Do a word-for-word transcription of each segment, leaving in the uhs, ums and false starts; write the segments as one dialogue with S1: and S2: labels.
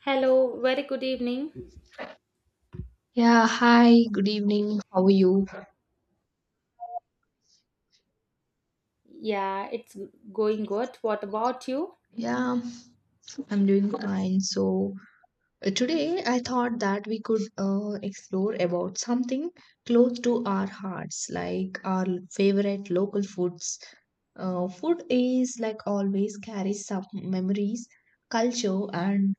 S1: Hello, very good evening.
S2: Yeah, hi, good evening. How are you?
S1: Yeah, it's going good. What about you?
S2: Yeah, I'm doing fine. So, uh, today I thought that we could uh, explore about something close to our hearts, like our favorite local foods. Uh, food is like always carries some memories, culture, and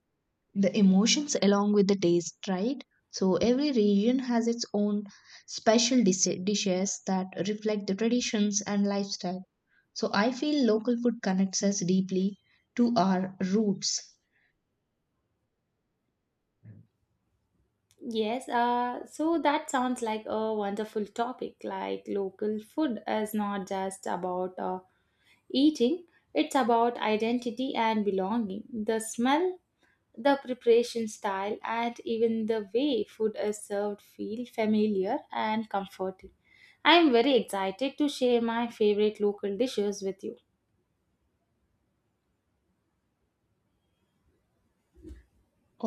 S2: the emotions along with the taste, right? So every region has its own special dis- dishes that reflect the traditions and lifestyle. So I feel local food connects us deeply to our roots.
S1: Yes, uh, so that sounds like a wonderful topic. Like local food is not just about uh, eating, it's about identity and belonging. The smell, the preparation style, and even the way food is served feel familiar and comforting. I am very excited to share my favorite local dishes with you.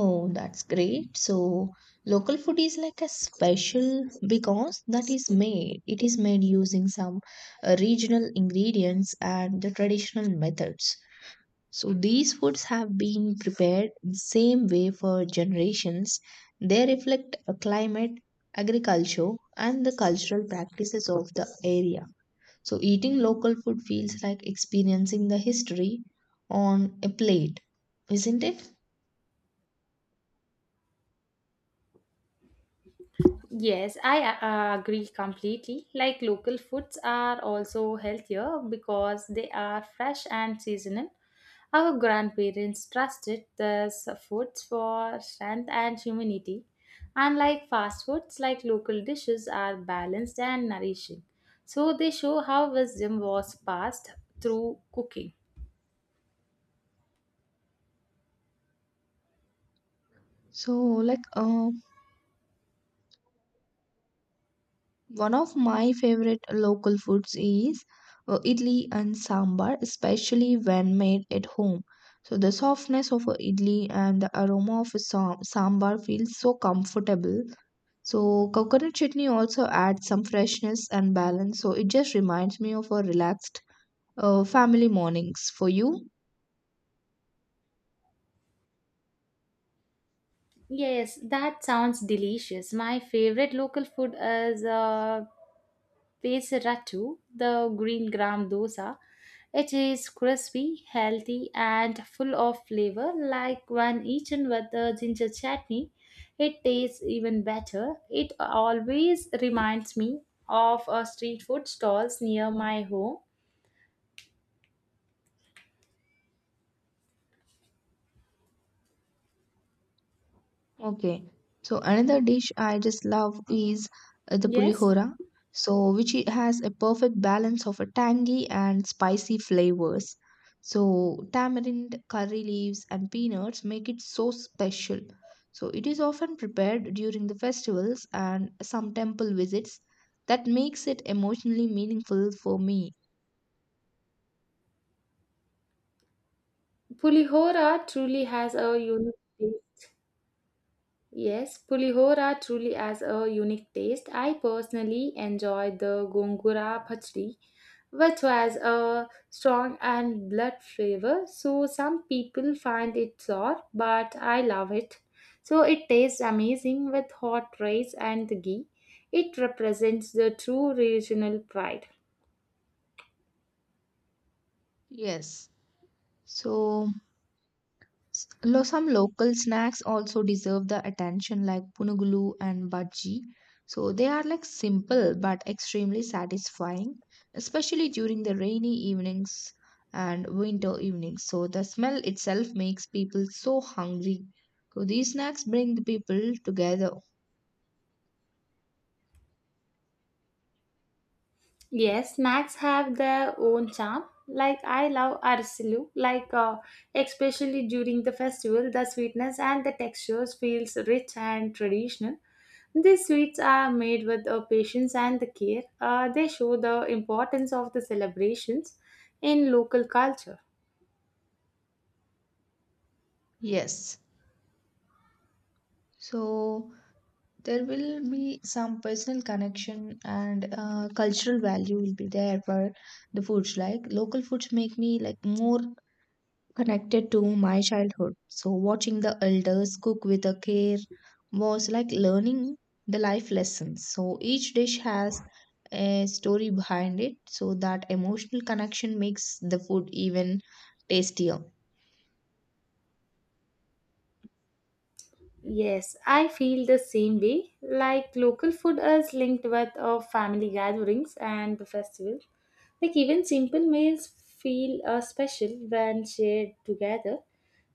S2: Oh, that's great. So local food is like a special because that is made, it is made using some uh, regional ingredients and the traditional methods. So these foods have been prepared the same way for generations. They reflect a climate, agriculture, and the cultural practices of the area. So eating local food feels like experiencing the history on a plate, isn't it?
S1: Yes, I uh, agree completely. Like local foods are also healthier because they are fresh and seasonal. Our grandparents trusted these foods for strength and humanity. Unlike fast foods, like local dishes are balanced and nourishing. So they show how wisdom was passed through cooking.
S2: So like uh, one of my favorite local foods is uh, idli and sambar, especially when made at home. So the softness of a idli and the aroma of a sam- sambar feels so comfortable. So coconut chutney also adds some freshness and balance. So it just reminds me of a relaxed uh, family mornings for you.
S1: Yes, that sounds delicious. My favorite local food is uh, Pesarattu, the green gram dosa. It is crispy, healthy, and full of flavor. Like when eaten with the ginger chutney, it tastes even better. It always reminds me of a street food stalls near my home.
S2: Okay. So another dish I just love is uh, the
S1: Yes,
S2: pulihora. So which it has a perfect balance of a tangy and spicy flavors. So tamarind, curry leaves and peanuts make it so special. So it is often prepared during the festivals and some temple visits that makes it emotionally meaningful for me.
S1: Pulihora truly has a unique Yes, pulihora truly has a unique taste. I personally enjoy the gongura bhajri, which has a strong and blood flavor. So some people find it sour, but I love it. So it tastes amazing with hot rice and ghee. It represents the true regional pride.
S2: Yes. So S- lo- some local snacks also deserve the attention, like punugulu and bhaji. So they are like simple but extremely satisfying, especially during the rainy evenings and winter evenings. So the smell itself makes people so hungry. So these snacks bring the people together.
S1: Yes, snacks have their own charm. Like I love arsalu, like uh, especially during the festival, the sweetness and the textures feels rich and traditional. These sweets are made with uh, patience and the care. Uh, they show the importance of the celebrations in local culture.
S2: Yes. So there will be some personal connection and uh, cultural value will be there for the foods, like local foods make me like more connected to my childhood. So, watching the elders cook with a care was like learning the life lessons. So, each dish has a story behind it, so that emotional connection makes the food even tastier.
S1: Yes, I feel the same way. Like local food is linked with our family gatherings and the festival. Like even simple meals feel uh, special when shared together.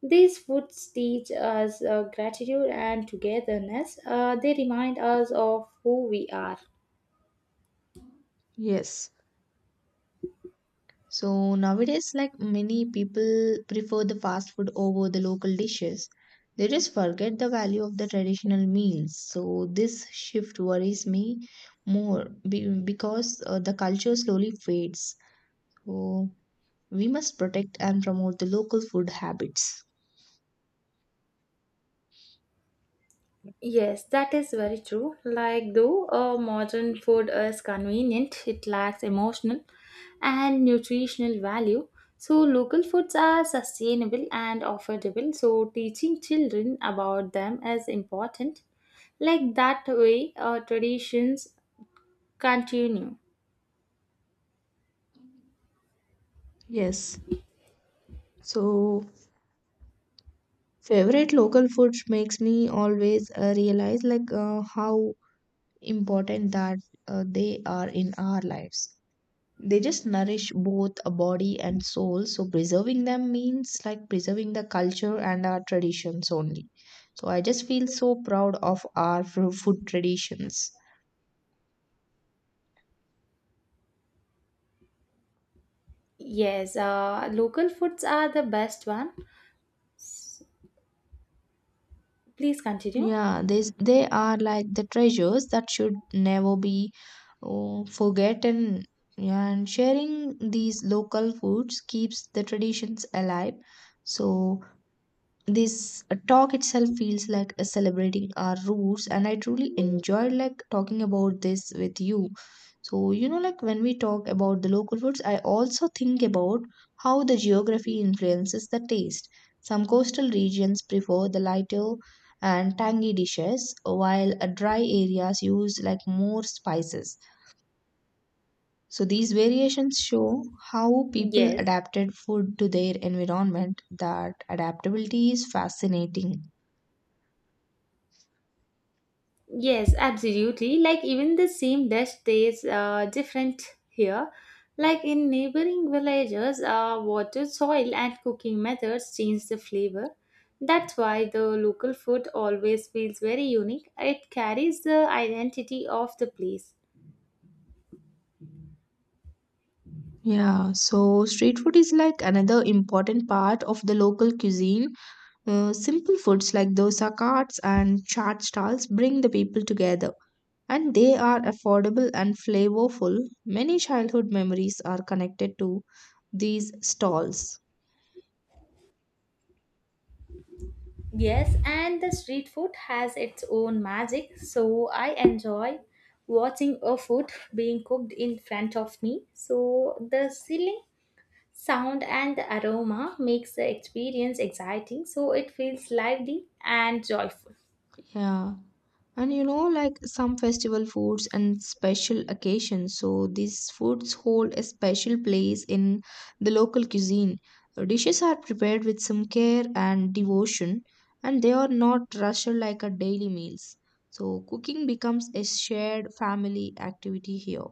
S1: These foods teach us uh, gratitude and togetherness. Uh, they remind us of who we are.
S2: Yes. So nowadays, like many people prefer the fast food over the local dishes. They just forget the value of the traditional meals. So this shift worries me more be- because uh, the culture slowly fades. So we must protect and promote the local food habits.
S1: Yes, that is very true. Like, though uh, modern food is convenient, it lacks emotional and nutritional value. So, local foods are sustainable and affordable. So, teaching children about them is important. Like, that way, uh, traditions continue.
S2: Yes. So favorite local food makes me always uh, realize like uh, how important that uh, they are in our lives. They just nourish both a body and soul, so preserving them means like preserving the culture and our traditions only. So I just feel so proud of our fru- food traditions.
S1: Yes, uh, local foods are the best one. S- Please continue.
S2: Yeah, they they are like the treasures that should never be, oh, forgotten. Yeah, and sharing these local foods keeps the traditions alive. So this uh, talk itself feels like a celebrating our roots, and I truly enjoyed like talking about this with you. So you know, like when we talk about the local foods, I also think about how the geography influences the taste. Some coastal regions prefer the lighter and tangy dishes, while uh, dry areas use like more spices. So these variations show how people
S1: Yes.
S2: adapted food to their environment. That adaptability is fascinating.
S1: Yes, absolutely. Like even the same dish tastes uh, different here. Like in neighboring villages, uh, water, soil, and cooking methods change the flavor. That's why the local food always feels very unique. It carries the identity of the place.
S2: Yeah, so street food is like another important part of the local cuisine. Uh, simple foods like dosa carts and chaat stalls bring the people together, and they are affordable and flavorful. Many childhood memories are connected to these stalls.
S1: Yes, and the street food has its own magic, so I enjoy watching a food being cooked in front of me. So the ceiling Sound and the aroma makes the experience exciting, so it feels lively and joyful.
S2: Yeah. And you know, like some festival foods and special occasions. So these foods hold a special place in the local cuisine. Dishes are prepared with some care and devotion, and they are not rushed like a daily meals. So cooking becomes a shared family activity here.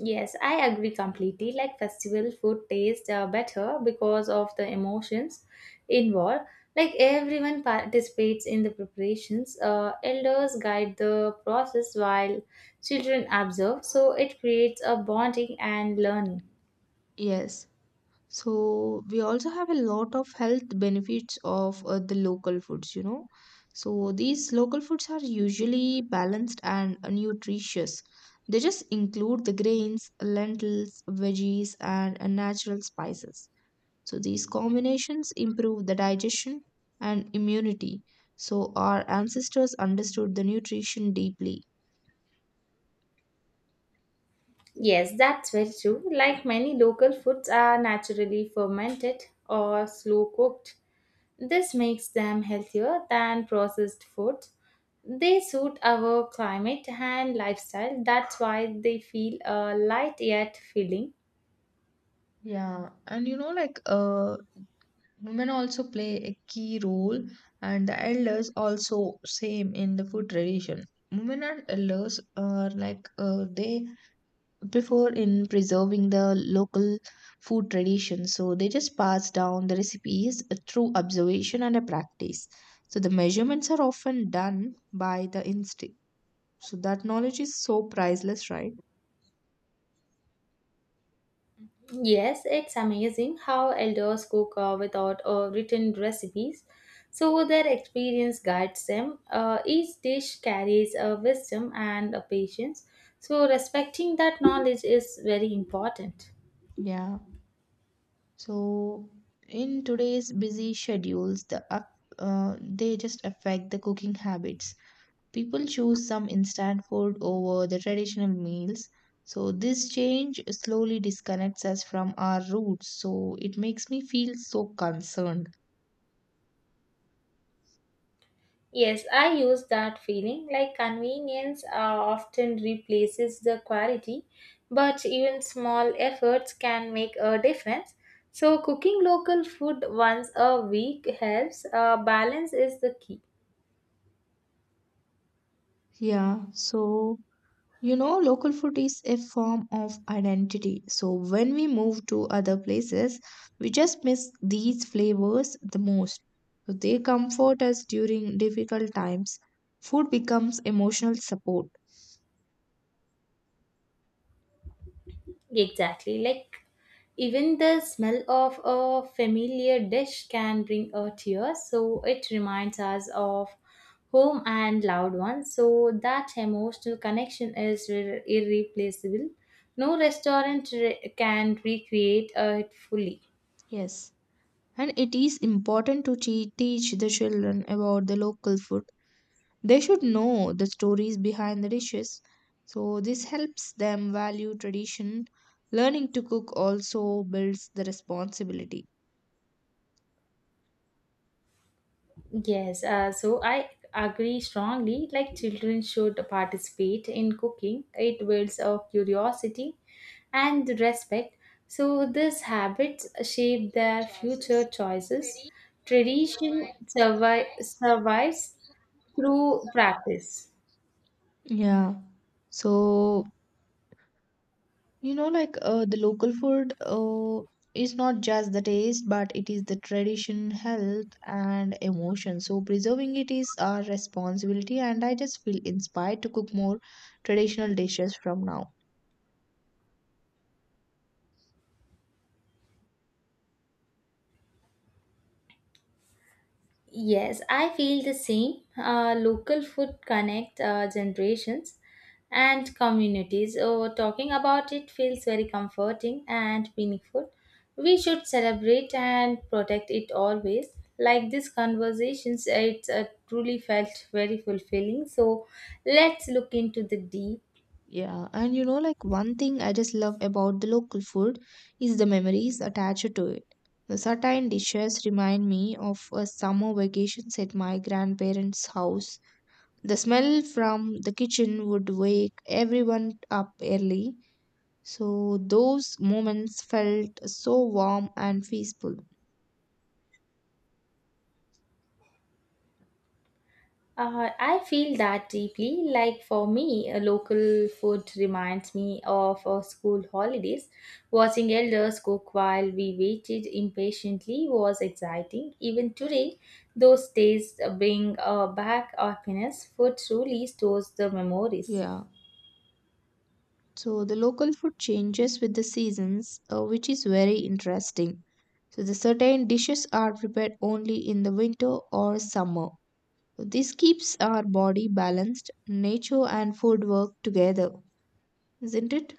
S1: Yes, I agree completely. Like festival food tastes uh, better because of the emotions involved. Like everyone participates in the preparations. Uh, elders guide the process while children observe, so it creates a bonding and learning.
S2: Yes. So we also have a lot of health benefits of uh, the local foods, you know. So these local foods are usually balanced and nutritious. They just include the grains, lentils, veggies, and uh, natural spices. So these combinations improve the digestion and immunity. So our ancestors understood the nutrition deeply.
S1: Yes, that's very true. Like many local foods are naturally fermented or slow cooked. This makes them healthier than processed food. They suit our climate and lifestyle. That's why they feel uh, light yet filling.
S2: Yeah, and you know, like uh, women also play a key role, and the elders also same in the food tradition. Women and elders are like uh, they prefer in preserving the local food tradition, so they just pass down the recipes through observation and a practice. So the measurements are often done by the instinct. So that knowledge is so priceless, right?
S1: Yes, it's amazing how elders cook uh, without uh, written recipes. So their experience guides them. Uh, each dish carries a wisdom and a patience. So respecting that knowledge is very important.
S2: Yeah. So in today's busy schedules, the up, uh, they just affect the cooking habits. People choose some instant food over the traditional meals. So this change slowly disconnects us from our roots. So it makes me feel so concerned.
S1: Yes, I use that feeling like convenience uh, often replaces the quality, but even small efforts can make a difference. So, cooking local food once a week helps. Uh, balance is the key.
S2: Yeah, so you know, local food is a form of identity. So when we move to other places, we just miss these flavors the most. So they comfort us during difficult times. Food becomes emotional support.
S1: Exactly, like even the smell of a familiar dish can bring a tear, so it reminds us of home and loved ones. So that emotional connection is irre- irreplaceable. No restaurant re- can recreate uh, it fully.
S2: Yes. And it is important to te- teach the children about the local food. They should know the stories behind the dishes. So this helps them value tradition. Learning to cook also builds the responsibility.
S1: Yes, uh, so I agree strongly. Like children should participate in cooking. It builds a curiosity and respect. So these habits shape
S2: Future
S1: their future
S2: choices.
S1: choices.
S2: Tradition
S1: Tradition
S2: survive,
S1: survi-
S2: survives
S1: survives
S2: through
S1: through
S2: practice.
S1: practice.
S2: Yeah. So, you know, like uh, the local food uh, is not just the taste, but it is the tradition, health, and emotion. So, preserving it is our responsibility, and I just feel inspired to cook more traditional dishes from now.
S1: Yes, I feel the same. Uh, local food connect uh, generations and communities. Oh, talking about it feels very comforting and meaningful. We should celebrate and protect it always. Like these conversations, it's uh, truly felt very fulfilling. So let's look into the deep.
S2: Yeah, and you know, like one thing I just love about the local food is the memories attached to it. The certain dishes remind me of a summer vacations at my grandparents' house. The smell from the kitchen would wake everyone up early, so those moments felt so warm and peaceful.
S1: Uh, I feel that deeply. Like for me, uh, local food reminds me of our school holidays. Watching elders cook while we waited impatiently was exciting. Even today, those days bring uh, back happiness. Food truly stores the memories.
S2: Yeah. So the local food changes with the seasons, uh, which is very interesting. So the certain dishes are prepared only in the winter or summer. So this keeps our body balanced. Nature and food work together, isn't it?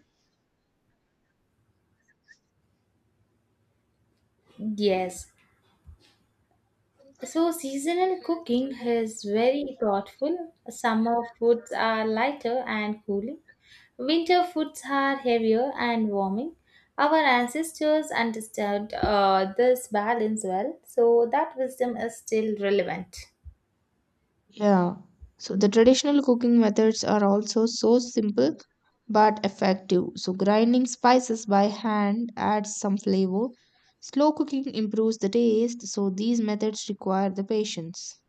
S1: Yes, so seasonal cooking is very thoughtful. Summer foods are lighter and cooling. Winter foods are heavier and warming. Our ancestors understood uh, this balance well, so that wisdom is still relevant.
S2: Yeah. So the traditional cooking methods are also so simple but effective. So grinding spices by hand adds some flavor. Slow cooking improves the taste, so these methods require the patience.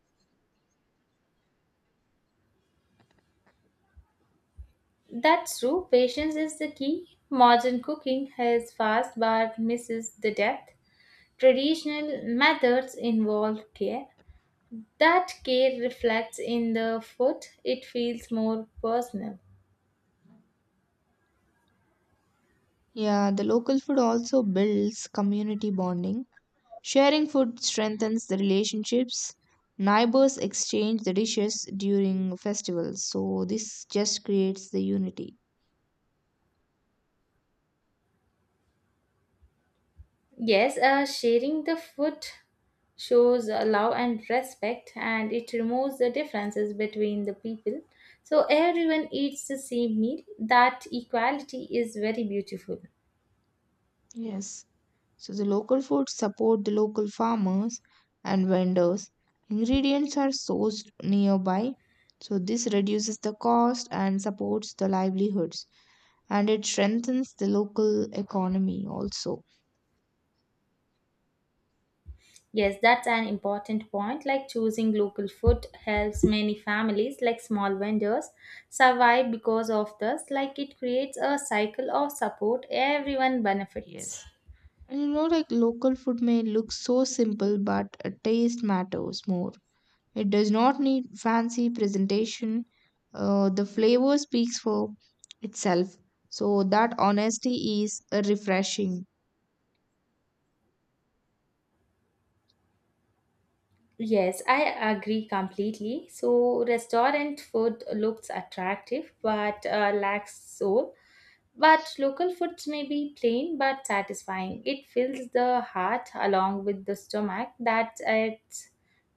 S1: That's true, patience is the key. Modern cooking has fast but misses the depth. Traditional methods involve care. That care reflects in the food, it feels more personal.
S2: Yeah, the local food also builds community bonding. Sharing food strengthens the relationships. Neighbors exchange the dishes during festivals, so this just creates the unity.
S1: Yes, uh, sharing the food shows uh, love and respect, and it removes the differences between the people. So everyone eats the same meal. That equality is very beautiful.
S2: Yes. So the local foods support the local farmers and vendors. Ingredients are sourced nearby. So this reduces the cost and supports the livelihoods, and it strengthens the local economy also.
S1: Yes, that's an important point. Like choosing local food helps many families, like small vendors, survive because of this. Like it creates a cycle of support, everyone benefits.
S2: Yes. And you know, like local food may look so simple, but a taste matters more. It does not need fancy presentation. Uh, the flavor speaks for itself. So that honesty is uh, refreshing.
S1: Yes, I agree completely. So, restaurant food looks attractive but uh, lacks soul. But local foods may be plain but satisfying. It fills the heart along with the stomach. That's its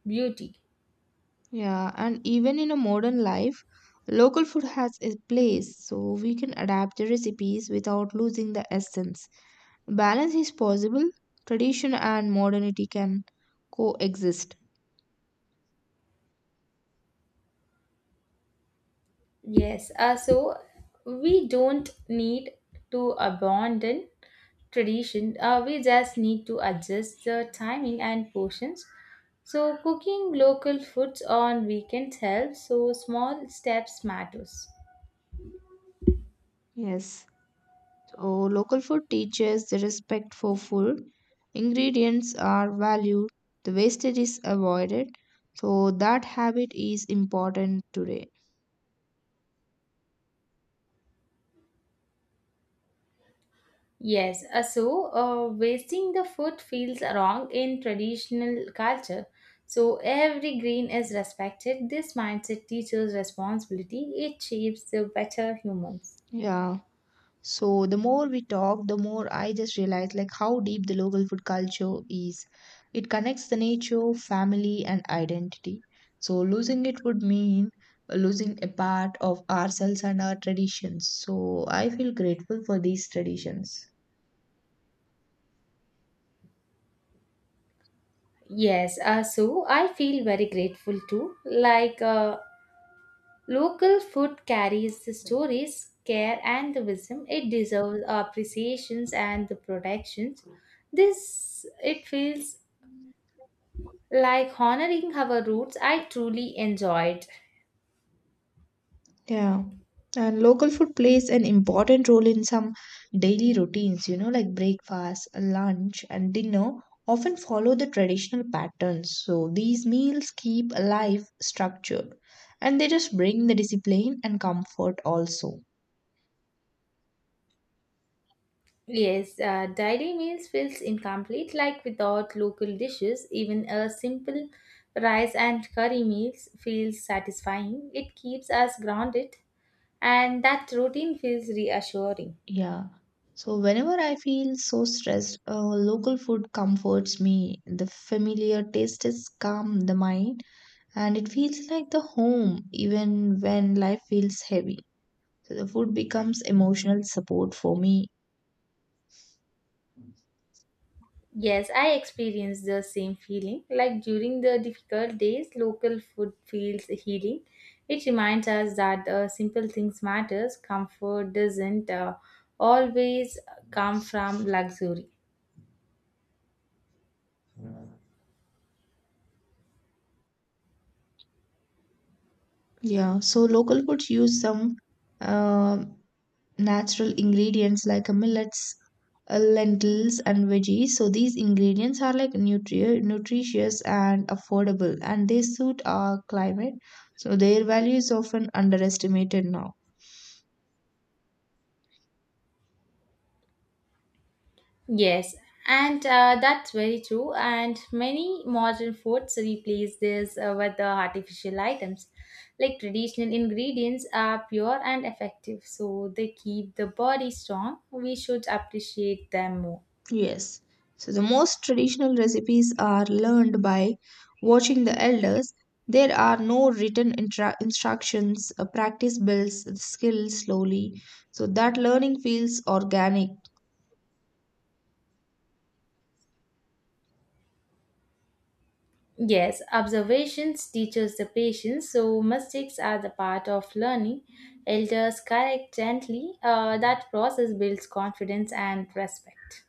S1: beauty.
S2: Yeah, and even in a modern life, local food has a place, so we can adapt the recipes without losing the essence. Balance is possible, tradition and modernity can coexist.
S1: Yes, uh, so we don't need to abandon tradition, uh, we just need to adjust the timing and portions. So, cooking local foods on weekends helps, so small steps matters.
S2: Yes, so local food teaches the respect for food, ingredients are valued, the wastage is avoided, so that habit is important today.
S1: Yes, uh, so uh, wasting the food feels wrong in traditional culture. So every green is respected. This mindset teaches responsibility. It shapes the better humans.
S2: Yeah. So the more we talk, the more I just realize like how deep the local food culture is. It connects the nature, family, and identity. So losing it would mean uh, losing a part of ourselves and our traditions. So I feel grateful for these traditions.
S1: Yes, uh, so I feel very grateful too. Like uh, local food carries the stories, care, and the wisdom. It deserves appreciations and the protections. This it feels like honoring our roots. I truly enjoyed.
S2: Yeah. And local food plays an important role in some daily routines, you know, like breakfast, lunch, and dinner often follow the traditional patterns. So these meals keep life structured, and they just bring the discipline and comfort also.
S1: Yes, uh, daily meals feels incomplete like without local dishes. Even a simple rice and curry meals feels satisfying. It keeps us grounded and that routine feels reassuring.
S2: Yeah. So whenever I feel so stressed, uh, local food comforts me. The familiar taste is calm the mind, and it feels like the home even when life feels heavy. So the food becomes emotional support for me.
S1: Yes, I experience the same feeling. Like during the difficult days, local food feels healing. It reminds us that uh, simple things matters. Comfort doesn't uh, always come from luxury.
S2: Yeah, so local foods use some uh, natural ingredients like uh, millets, uh, lentils, and veggies. So these ingredients are like nutri- nutritious and affordable, and they suit our climate. So their value is often underestimated now.
S1: Yes, and uh, that's very true. And many modern foods replace this uh, with the artificial items. Like traditional ingredients are pure and effective, so they keep the body strong. We should appreciate them more.
S2: Yes. So the most traditional recipes are learned by watching the elders. There are no written intra- instructions. Uh, practice builds the skill slowly. So that learning feels organic.
S1: Yes, observations teaches the patience, so mistakes are the part of learning. Elders correct gently. Uh, that process builds confidence and respect.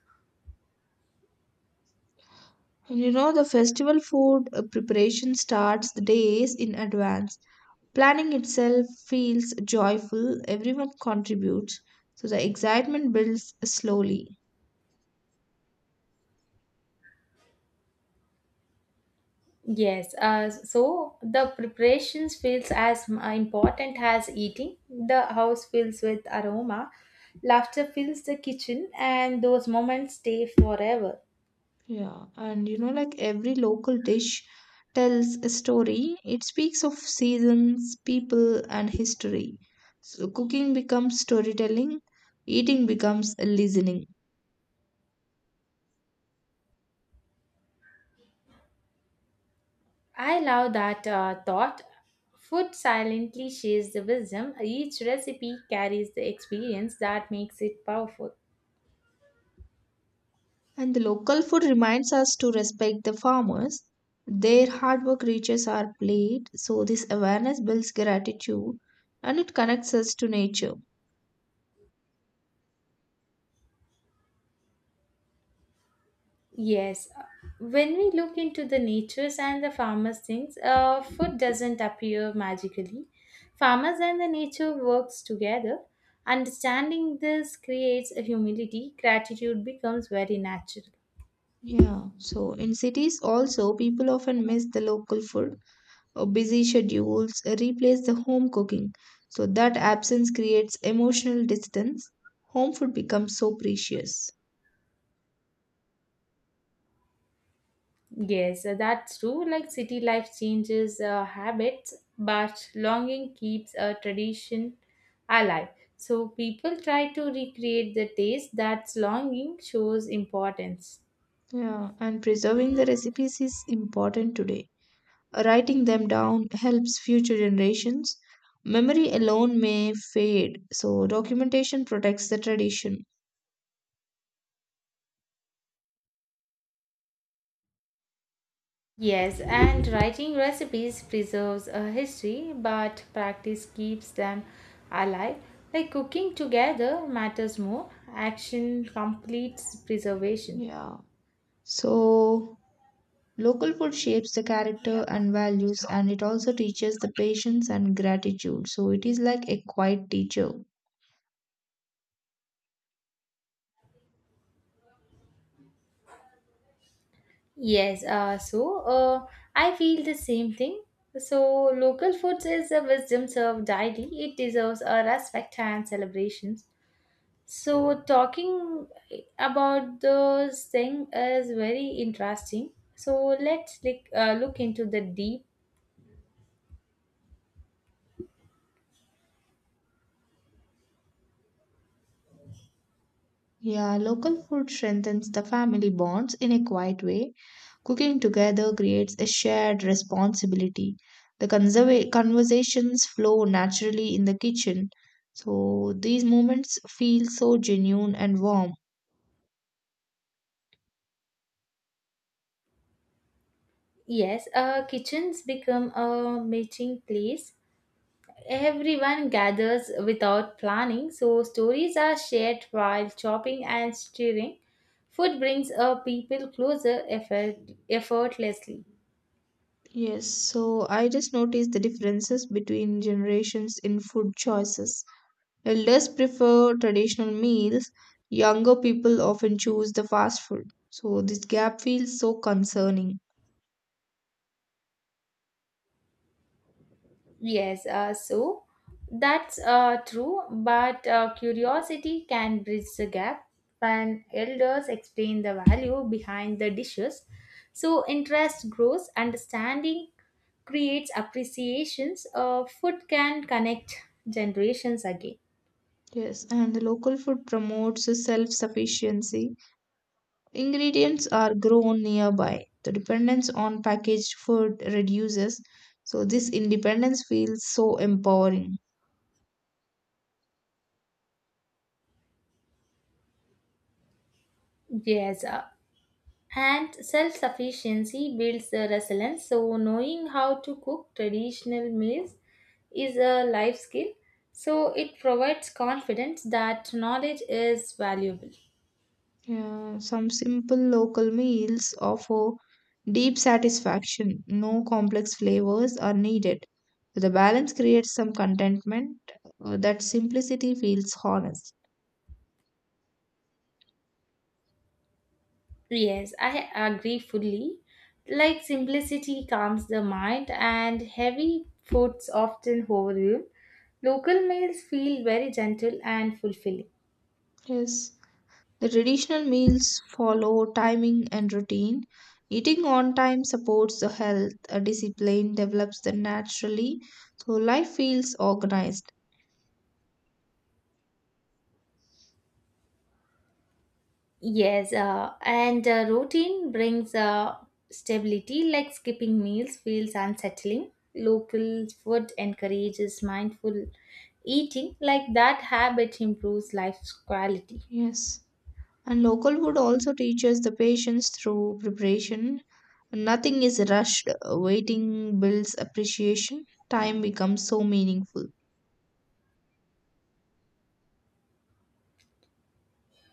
S2: And you know, the festival food uh, preparation starts the days in advance. Planning itself feels joyful. Everyone contributes. So the excitement builds slowly.
S1: Yes, uh, so the preparations feels as m- uh, important as eating. The house fills with aroma, laughter fills the kitchen, and those moments stay forever.
S2: Yeah, and you know, like every local dish tells a story. It speaks of seasons, people, and history. So cooking becomes storytelling, eating becomes listening.
S1: I love that uh, thought. Food silently shares the wisdom. Each recipe carries the experience that makes it powerful.
S2: And the local food reminds us to respect the farmers. Their hard work reaches our plate, so this awareness builds gratitude, and it connects us to nature.
S1: Yes, uh, when we look into the natures and the farmers' things, uh, food doesn't appear magically. Farmers and the nature works together. Understanding this creates a humility. Gratitude becomes very natural.
S2: Yeah, so in cities also, people often miss the local food or busy schedules replace the home cooking. So that absence creates emotional distance. Home food becomes so precious.
S1: Yes, uh, that's true. Like city life changes uh, habits, but longing keeps a tradition alive. So people try to recreate the taste that's longing shows importance.
S2: Yeah, and preserving the recipes is important today. Writing them down helps future generations. Memory alone may fade, so documentation protects the tradition.
S1: Yes, and writing recipes preserves a history, but practice keeps them alive. Like cooking together matters more, action completes preservation.
S2: Yeah. So, local food shapes the character and values, and it also teaches the patience and gratitude. So, it is like a quiet teacher.
S1: Yes, uh, so uh, I feel the same thing. So, local foods is a wisdom served daily, it deserves a respect and celebrations. So, talking about those things is very interesting. So, let's like, uh, look into the deep.
S2: Yeah, local food strengthens the family bonds in a quiet way. Cooking together creates a shared responsibility. The conserva- conversations flow naturally in the kitchen. So these moments feel so genuine and warm.
S1: Yes, uh, kitchens become a meeting place. Everyone gathers without planning, so stories are shared while chopping and stirring. Food brings uh, people closer effort- effortlessly.
S2: Yes, so I just noticed the differences between generations in food choices. Elders prefer traditional meals, younger people often choose the fast food. So this gap feels so concerning.
S1: Yes, uh, so that's uh, true, but uh, curiosity can bridge the gap when elders explain the value behind the dishes. So interest grows, understanding creates appreciations. Uh, food can connect generations again.
S2: Yes, and the local food promotes self sufficiency. Ingredients are grown nearby. The dependence on packaged food reduces. So, this independence feels so empowering.
S1: Yes, uh, and self sufficiency builds the resilience. So, knowing how to cook traditional meals is a life skill. So, it provides confidence that knowledge is valuable.
S2: Yeah, some simple local meals offer deep satisfaction. No complex flavors are needed. The balance creates some contentment. Uh, That simplicity feels honest.
S1: Yes, I agree fully. Like simplicity calms the mind, and heavy foods often overwhelm. Local meals feel very gentle and fulfilling.
S2: Yes, the traditional meals follow timing and routine. Eating on time supports the health, a discipline develops them naturally, so life feels organized.
S1: Yes, uh, and uh, routine brings uh, stability, like skipping meals feels unsettling. Local food encourages mindful eating, like that habit improves life's quality.
S2: Yes, and local food also teaches the patience through preparation. Nothing is rushed, waiting builds appreciation, time becomes so meaningful.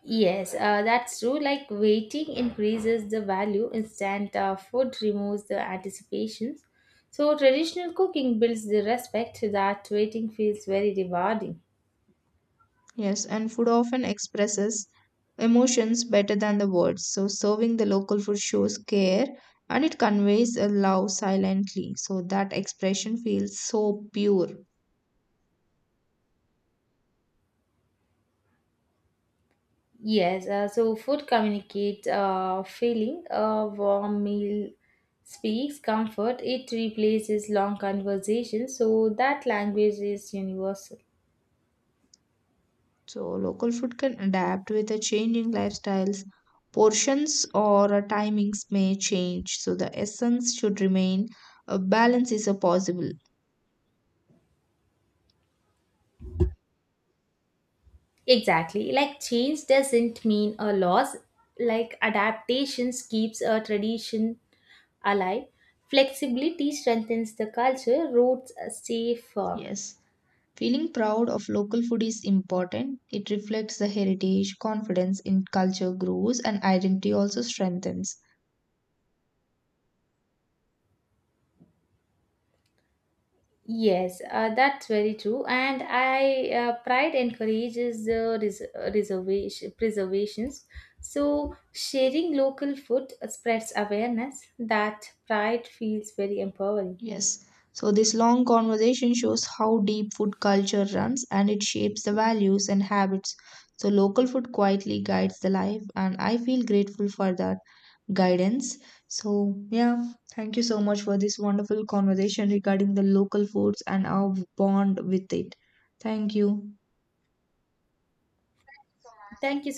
S1: Yes, uh, that's true. Like waiting increases the value, instant uh, food removes the anticipations. So, traditional cooking builds the respect that waiting feels very rewarding.
S2: Yes, and food often expresses emotions better than the words. So, serving the local food shows care, and it conveys a love silently. So, that expression feels so pure.
S1: Yes, uh, so food communicates uh, feeling. A warm meal speaks comfort. It replaces long conversations, so that language is universal.
S2: So, local food can adapt with the changing lifestyles. Portions or uh, timings may change. So, the essence should remain. A balance is a possible.
S1: Exactly. Like change doesn't mean a loss. Like adaptations keeps a tradition alive. Flexibility strengthens the culture. Roots stay firm.
S2: Yes. Feeling proud of local food is important. It reflects the heritage, confidence in culture grows, and identity also strengthens.
S1: Yes, uh, that's very true. And I uh, pride encourages the res- reservation preservations. So sharing local food spreads awareness. That pride feels very empowering.
S2: Yes. So, this long conversation shows how deep food culture runs, and it shapes the values and habits. So, local food quietly guides the life, and I feel grateful for that guidance. So, yeah, thank you so much for this wonderful conversation regarding the local foods and our bond with it. Thank you.
S1: Thank you